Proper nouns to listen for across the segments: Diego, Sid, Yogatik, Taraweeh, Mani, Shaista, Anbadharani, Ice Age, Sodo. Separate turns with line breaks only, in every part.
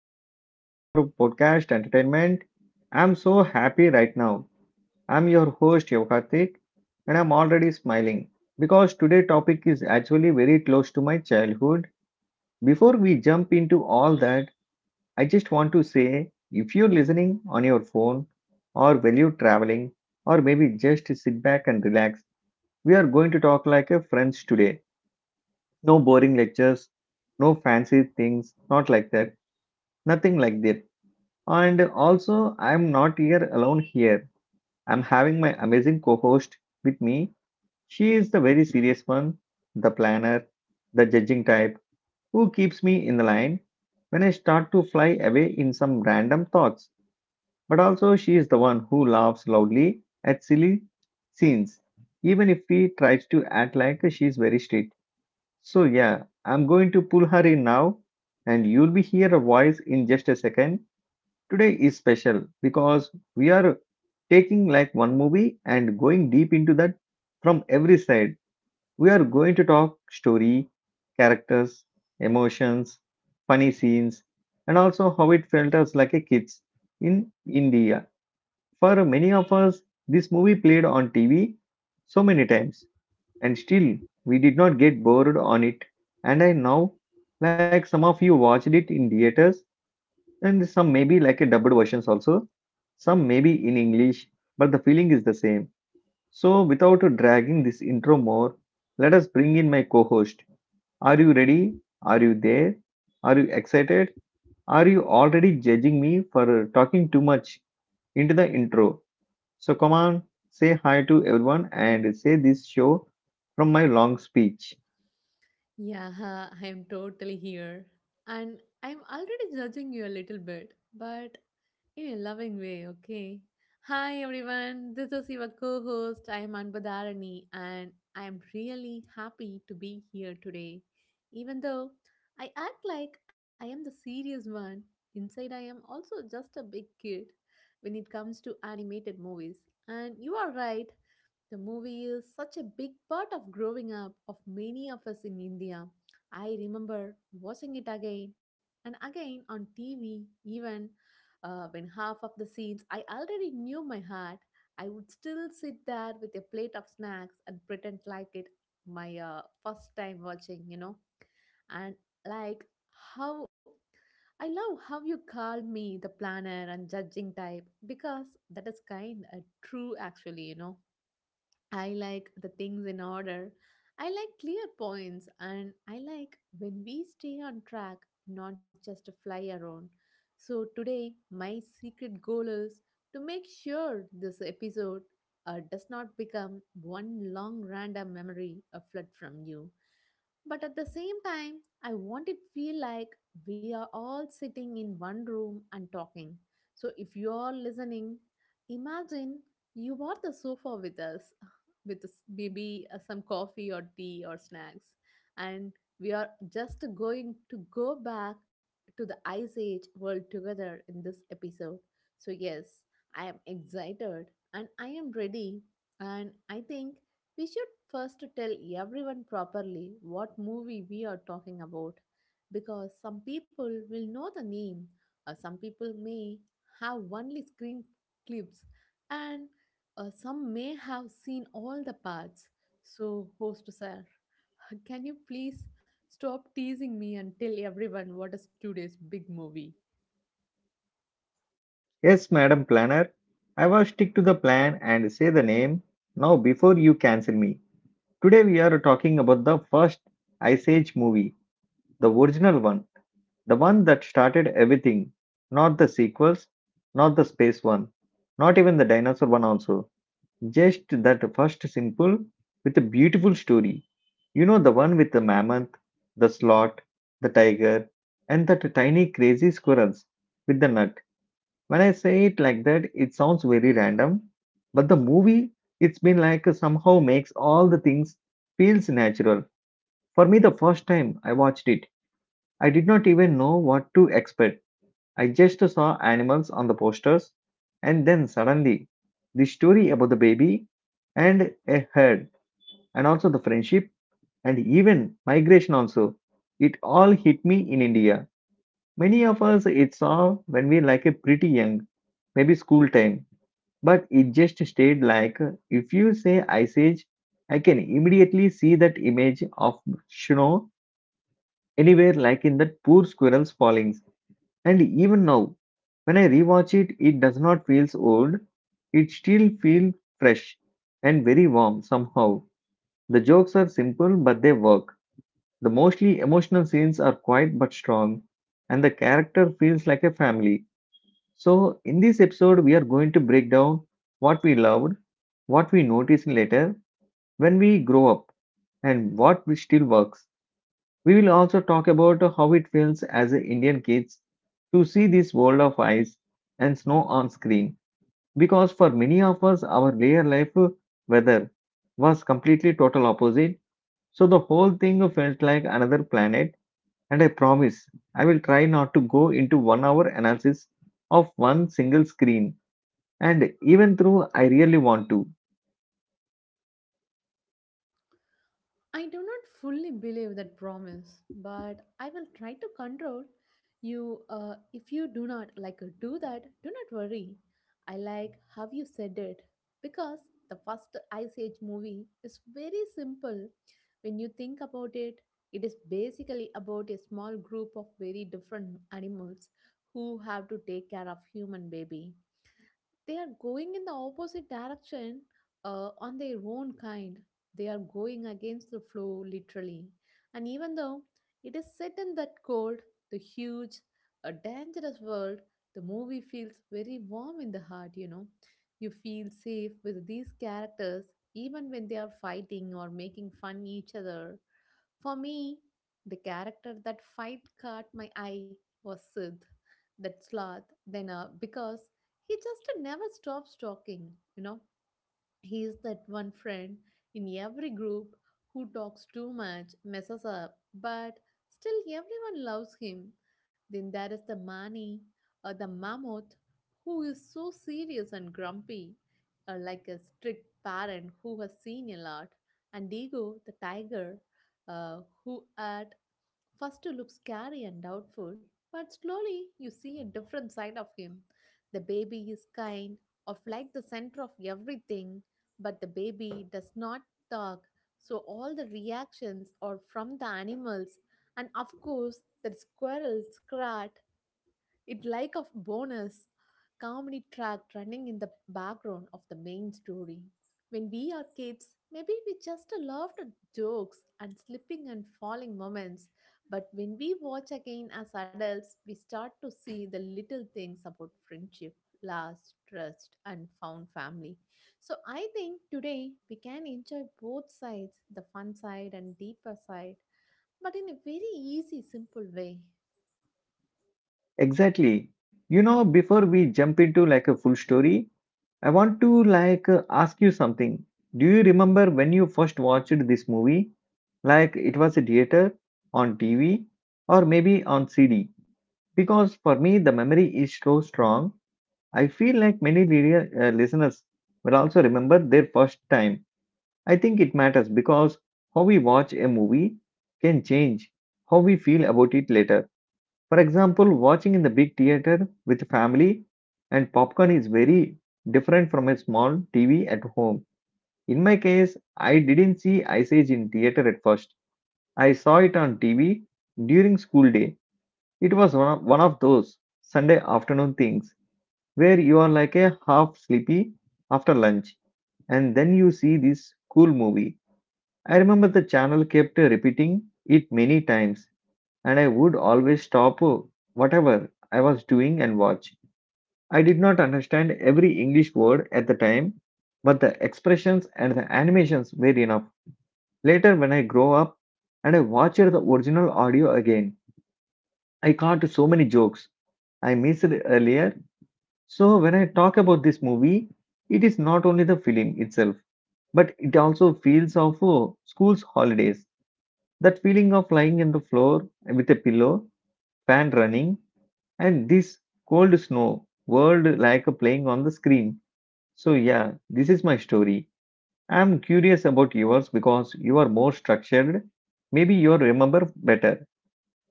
to another episode of our podcast Entertainment. I'm so happy right now. I'm your host Yogatik, and I'm already smiling because today's topic is actually very close to my childhood. Before we jump into all that, I just want to say if you're listening on your phone or while you're traveling or maybe just sit back and relax, we are going to talk like a friends today. No boring lectures, no fancy things, not like that, nothing like that. And also, I'm not here alone here. I'm having my amazing co host with me. She is the very serious one, the planner, the judging type, who keeps me in the line when I start to fly away in some random thoughts. But also, she is the one who laughs loudly at silly scenes, even if we tries to act like she is very strict. So, yeah, I'm going to pull her in now, and you'll be hear a voice in just a second. Today is special because we are taking like one movie and going deep into that from every side. We are going to talk story, characters, emotions, funny scenes, and also how it felt us like a kids in India. For many of us, this movie played on TV so many times, and still we did not get bored on it. And I know, like some of you watched it in theaters, and some may be like a dubbed versions also, some may be in English, but the feeling is the same. So, without dragging this intro more, let us bring in my co-host. Are you ready? Are you there? Are you excited? Are you already judging me for talking too much into the intro? So come on, say hi to everyone and say this show from my long speech.
Yeah, I'm totally here. And I'm already judging you a little bit, but in a loving way, okay? Hi everyone, this is your co host. I am Anbadharani, and I am really happy to be here today. Even though I act like I am the serious one, inside I am also just a big kid when it comes to animated movies. And you are right, the movie is such a big part of growing up of many of us in India. I remember watching it again and again on TV, even when half of the scenes I already knew my heart. I would still sit there with a plate of snacks and pretend like it my first time watching. And like how I love how you called me the planner and judging type because that is kind of true, actually. I like the things in order. I like clear points and I like when we stay on track, not just fly around. So today, my secret goal is to make sure this episode does not become one long random memory a flood from you. But at the same time, I want it feel like we are all sitting in one room and talking. So if you are listening, imagine you are the sofa with us, with maybe some coffee or tea or snacks, and we are just going to go back to the Ice Age world together in this episode. So yes, I am excited and I am ready, and I think we should first tell everyone properly what movie we are talking about because some people will know the name or some people may have only screen clips and some may have seen all the parts. So, host sir, can you please stop teasing me and tell everyone what is today's big movie?
Yes, madam planner, I will stick to the plan and say the name now before you cancel me. Today we are talking about the first Ice Age movie, the original one, the one that started everything, not the sequels, not the space one, not even the dinosaur one also. Just that first simple with a beautiful story. You know the one with the mammoth, the sloth, the tiger, and that tiny crazy squirrels with the nut. When I say it like that, it sounds very random, but the movie it's been like somehow makes all the things feels natural. For me, the first time I watched it, I did not even know what to expect. I just saw animals on the posters, and then suddenly, the story about the baby and a herd, and also the friendship and even migration, also. It all hit me in India. Many of us it saw when we like a pretty young, maybe school time, but it just stayed like if you say Ice Age, I can immediately see that image of snow anywhere like in that poor squirrel's fallings. And even now, when I rewatch it, it does not feel so old. It still feels fresh and very warm somehow. The jokes are simple but they work. The mostly emotional scenes are quiet but strong, and the character feels like a family. So, in this episode, we are going to break down what we loved, what we noticed later when we grow up, and what we still works. We will also talk about how it feels as Indian kids to see this world of ice and snow on screen because for many of us, our layer life weather was completely total opposite. So the whole thing felt like another planet. And I promise I will try not to go into 1 hour analysis of one single screen. And even through, I really want to.
I do not fully believe that promise, but I will try to control you. If you do not like do that, do not worry. I like how you said it because the first Ice Age movie is very simple. When you think about it, it is basically about a small group of very different animals who have to take care of human baby they are going in the opposite direction on their own kind. They are going against the flow, literally. And even though it is set in that cold, the huge, a dangerous world, the movie feels very warm in the heart, you know. You feel safe with these characters even when they are fighting or making fun each other for me, the character that fight caught my eye was Sid, that sloth, then because he just never stops talking, you know. He is that one friend in every group who talks too much, messes up, but still everyone loves him. Then there is the Mani, or the mammoth, who is so serious and grumpy, like a strict parent who has seen a lot, and Digo, the tiger, who at First, you looks scary and doubtful, but slowly you see a different side of him. The baby is kind, of like the center of everything, but the baby does not talk, so all the reactions are from the animals. And of course, the squirrels, rat, it like a bonus comedy track running in the background of the main story. When we are kids, maybe we just laughed at jokes and slipping and falling moments. But when we watch again as adults, we start to see the little things about friendship, last, trust, and found family. So I think today we can enjoy both sides, the fun side and deeper side, but in a very easy, simple way.
Exactly. You know, before we jump into like a full story, I want to like ask you something. Do you remember when you first watched this movie? Like it was a theater, on TV, or maybe on CD? Because for me, the memory is so strong. I feel like many listeners will also remember their first time. I think it matters because how we watch a movie can change how we feel about it later. For example, watching in the big theater with family and popcorn is very different from a small TV at home. In my case, I didn't see Ice Age in theater at first. I saw it on TV during school day. It was one of those Sunday afternoon things where you are like a half sleepy after lunch and then you see this cool movie. I remember the channel kept repeating it many times, and I would always stop whatever I was doing and watch. I did not understand every English word at the time, but the expressions and the animations were enough. Later, when I grow up and I watched the original audio again, I caught so many jokes I missed earlier. So, when I talk about this movie, it is not only the film itself, but it also feels of school's holidays. That feeling of lying on the floor with a pillow, fan running, and this cold snow world like playing on the screen. So, yeah, this is my story. I'm curious about yours because you are more structured. Maybe you remember better.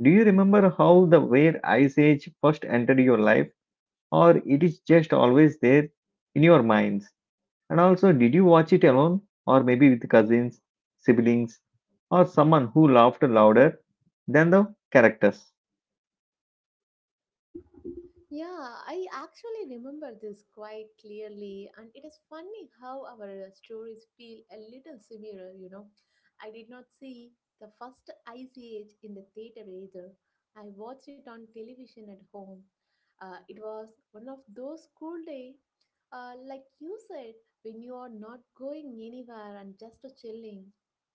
Do you remember how the where Ice Age first entered your life, or it is just always there in your minds? And also, did you watch it alone, or maybe with cousins, siblings, or someone who laughed louder than the characters?
Yeah, I actually remember this quite clearly, and it is funny how our stories feel a little similar, you know. I did not see the first Ice Age in the theater either. I watched it on television at home. It was one of those cool days, like you said, when you are not going anywhere and just chilling.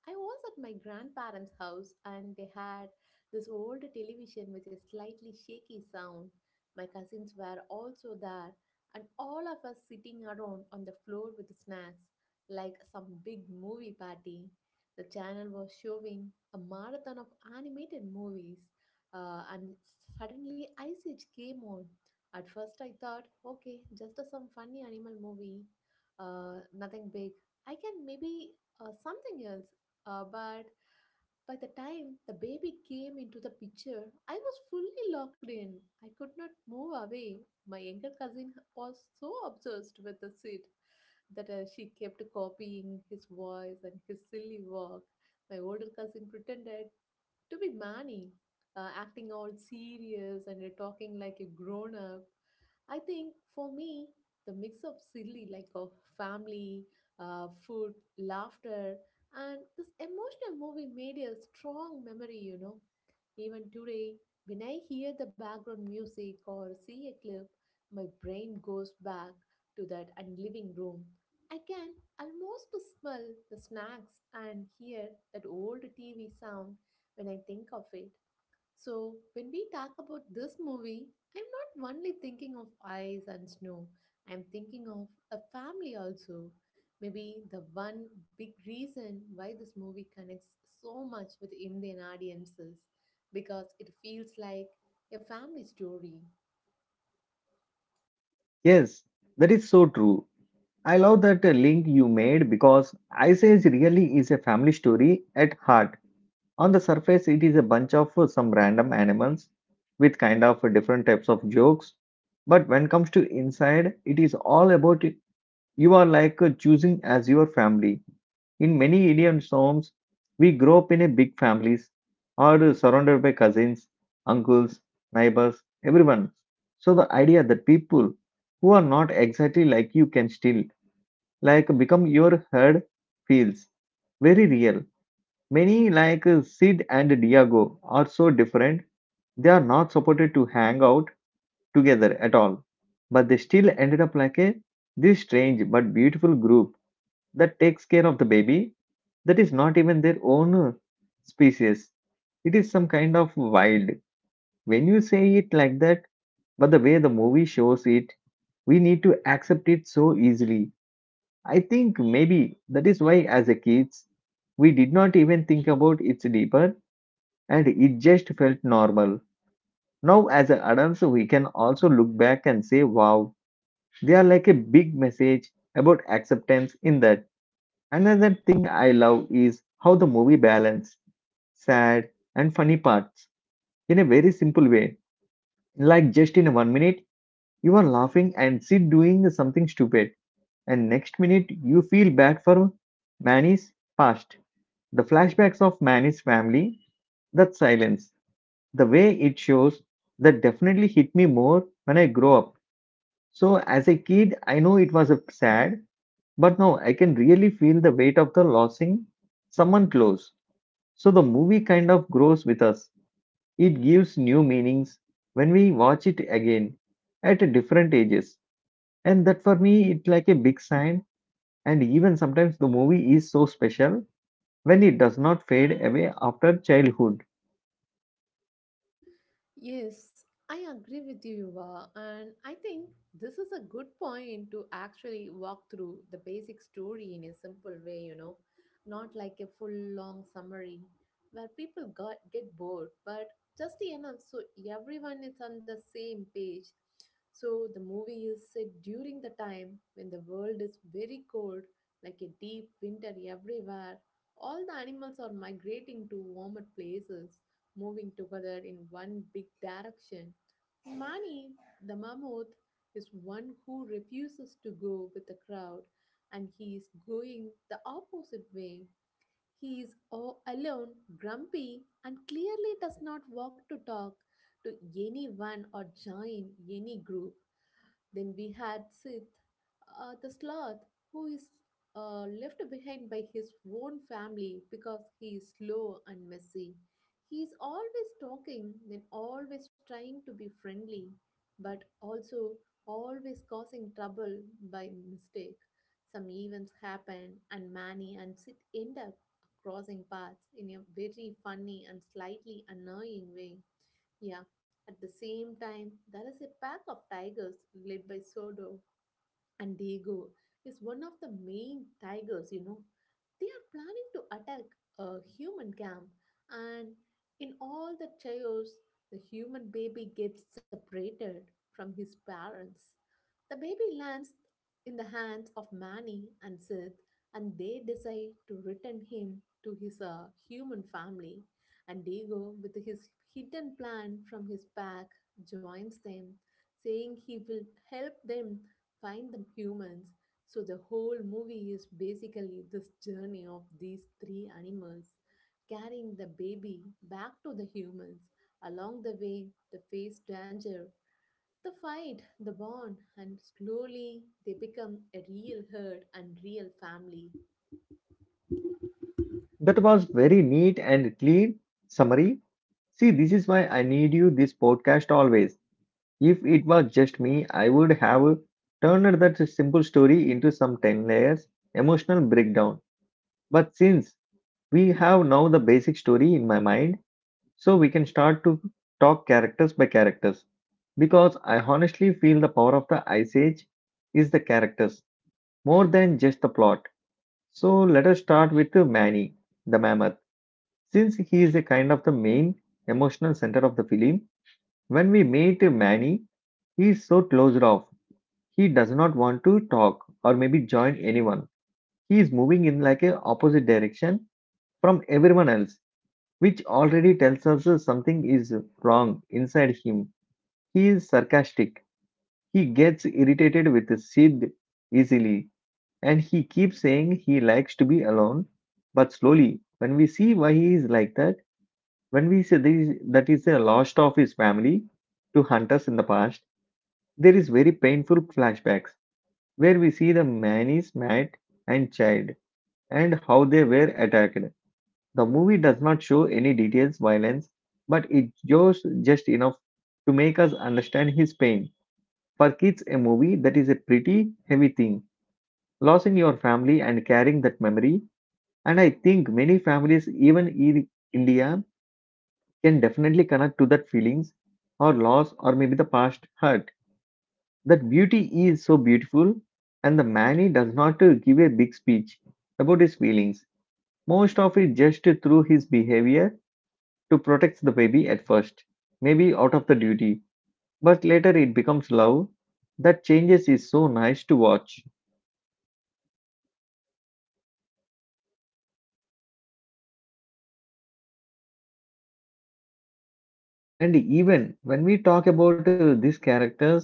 I was at my grandparents' house and they had this old television with a slightly shaky sound my cousins were also there, and all of us sitting around on the floor with snacks like some big movie party. The channel was showing a marathon of animated movies, and suddenly Ice Age came on. At first, I thought, okay, just some funny animal movie, nothing big. I can maybe something else, but by the time the baby came into the picture, I was fully locked in. I could not move away. My younger cousin was so obsessed with the seed that she kept copying his voice and his silly walk. My older cousin pretended to be Manny, acting all serious and talking like a grown up. I think for me, the mix of silly, like of family, food, laughter, and this emotional movie made a strong memory, you know. Even today, when I hear the background music or see a clip, my brain goes back to that and living room. I can almost smell the snacks and hear that old TV sound when I think of it. So, when we talk about this movie, I'm not only thinking of ice and snow, I'm thinking of a family also. Maybe the one big reason why this movie connects so much with Indian audiences because it feels like a family story.
Yes, that is so true. I love that link you made because Ice Age really is a family story at heart. On the surface, it is a bunch of some random animals with kind of different types of jokes. But when comes to inside, it is all about it. You are like choosing as your family. In many Indian homes, we grow up in a big families or surrounded by cousins, uncles, neighbors, everyone. So the idea that people who are not exactly like you can still like become your herd feels very real. Many like Sid and Diego are so different, they are not supported to hang out together at all. But they still ended up like a this strange but beautiful group that takes care of the baby that is not even their own species. It is some kind of wild. When you say it like that, but the way the movie shows it, we need to accept it so easily. I think maybe that is why as a kids we did not even think about its deeper and it just felt normal. Now, as adults, we can also look back and say, wow, they are like a big message about acceptance in that. Another thing I love is how the movie balanced sad and funny parts in a very simple way. Like just in 1 minute, you are laughing and sit doing something stupid, and next minute you feel bad for Manny's past, the flashbacks of Manny's family, that silence the way it shows that definitely hit me more when I grow up. So as a kid, I know it was a sad, but now I can really feel the weight of the losing someone close. So the movie kind of grows with us. It gives new meanings when we watch it again at a different ages. And that for me, it's like a big sign. And even sometimes the movie is so special when it does not fade away after childhood.
Yes, I agree with you, Yuva, and I think this is a good point to actually walk through the basic story in a simple way, you know, not like a full long summary where people get bored, but just enough so everyone is on the same page. So the movie is set during the time when the world is very cold, like a deep winter everywhere. All the animals are migrating to warmer places moving together in one big direction. Mani, the mammoth, is one who refuses to go with the crowd and he is going the opposite way. He is all alone, grumpy, and clearly does not walk to talk to anyone or join any group. Then we had Sith, the sloth, who is left behind by his own family because he is slow and messy. He is always talking, then always trying to be friendly, but also always causing trouble by mistake. Some events happen, and Manny and Sid end up crossing paths in a very funny and slightly annoying way. Yeah, at the same time, there is a pack of tigers led by Sodo, and Diego is one of the main tigers, you know. They are planning to attack a human camp, and in all the chaos, the human baby gets separated from his parents. The baby lands in the hands of Manny and Sith, and they decide to return him to his human family. And Diego, with his hidden plan from his pack, joins them, saying he will help them find the humans. So, the whole movie is basically this journey of these three animals carrying the baby back to the humans. Along the way, they face danger the fight, the bond, and slowly they become a real herd and real family.
That was very neat and clean summary. See, this is why I need you this podcast always. If it was just me, I would have turned that simple story into some 10 layers emotional breakdown. But since we have now the basic story in my mind, so we can start to talk characters by characters. Because I honestly feel the power of the Ice Age is the characters more than just the plot. So let us start with Manny, the mammoth. Since he is a kind of the main emotional center of the film, when we meet Manny, he is so closed off. He does not want to talk or maybe join anyone. He is moving in like a opposite direction from everyone else, which already tells us something is wrong inside him. He is sarcastic. He gets irritated with Sid easily, and he keeps saying he likes to be alone. But slowly, when we see why he is like that, when we see that he is that is a lost of his family to hunters in the past. There is very painful flashbacks where we see the Manny's Matt and child and how they were attacked. The movie does not show any details violence, but it shows just enough to make us understand his pain. For kids, a movie that is a pretty heavy thing. Losing your family and carrying that memory, and I think many families, even in India, can definitely connect to that feelings or loss or maybe the past hurt. That beauty is so beautiful, and the man does not give a big speech about his feelings. Most of it just through his behavior to protect the baby at first, maybe out of the duty, but later it becomes love. That changes is so nice to watch. And even when we talk about these characters,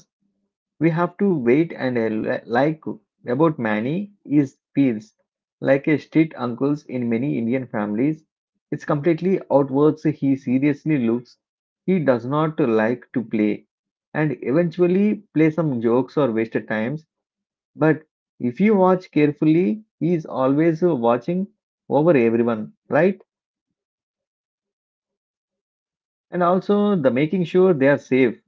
we have to wait and like about Manny is feels like a street uncles in many Indian families. It's completely outwards. He seriously looks. He does not like to play and eventually play some jokes or wasted times. But if you watch carefully, he is always watching over everyone, right? And also the making sure they are safe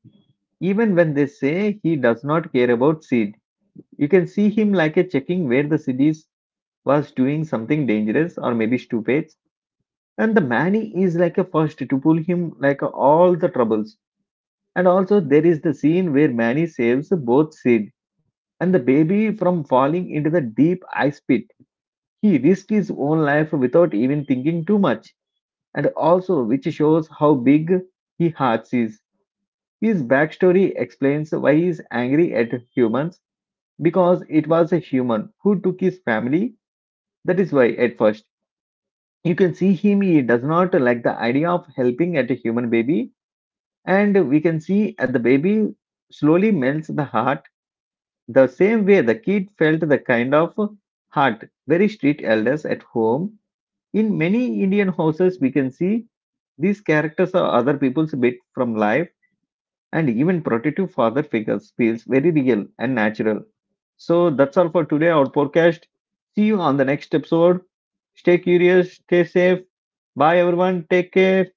even when they say he does not care about seeds. You can see him like a checking where the cities was doing something dangerous or maybe stupid, and the Manny is like a first to pull him like all the troubles. And also there is the scene where Manny saves both Sid and the baby from falling into the deep ice pit. He risked his own life without even thinking too much, and also which shows how big he hearts is. His backstory explains why he is angry at humans because it was a human who took his family. That is why, at first, you can see him, he does not like the idea of helping at a human baby, and we can see at the baby slowly melts the heart the same way the kid felt the kind of heart very strict elders at home. In many Indian houses, we can see these characters are other people's bit from life and even protective father figures feels very real and natural. So that's all for today, our podcast. See you on the next episode. Stay curious, stay safe. Bye, everyone. Take care.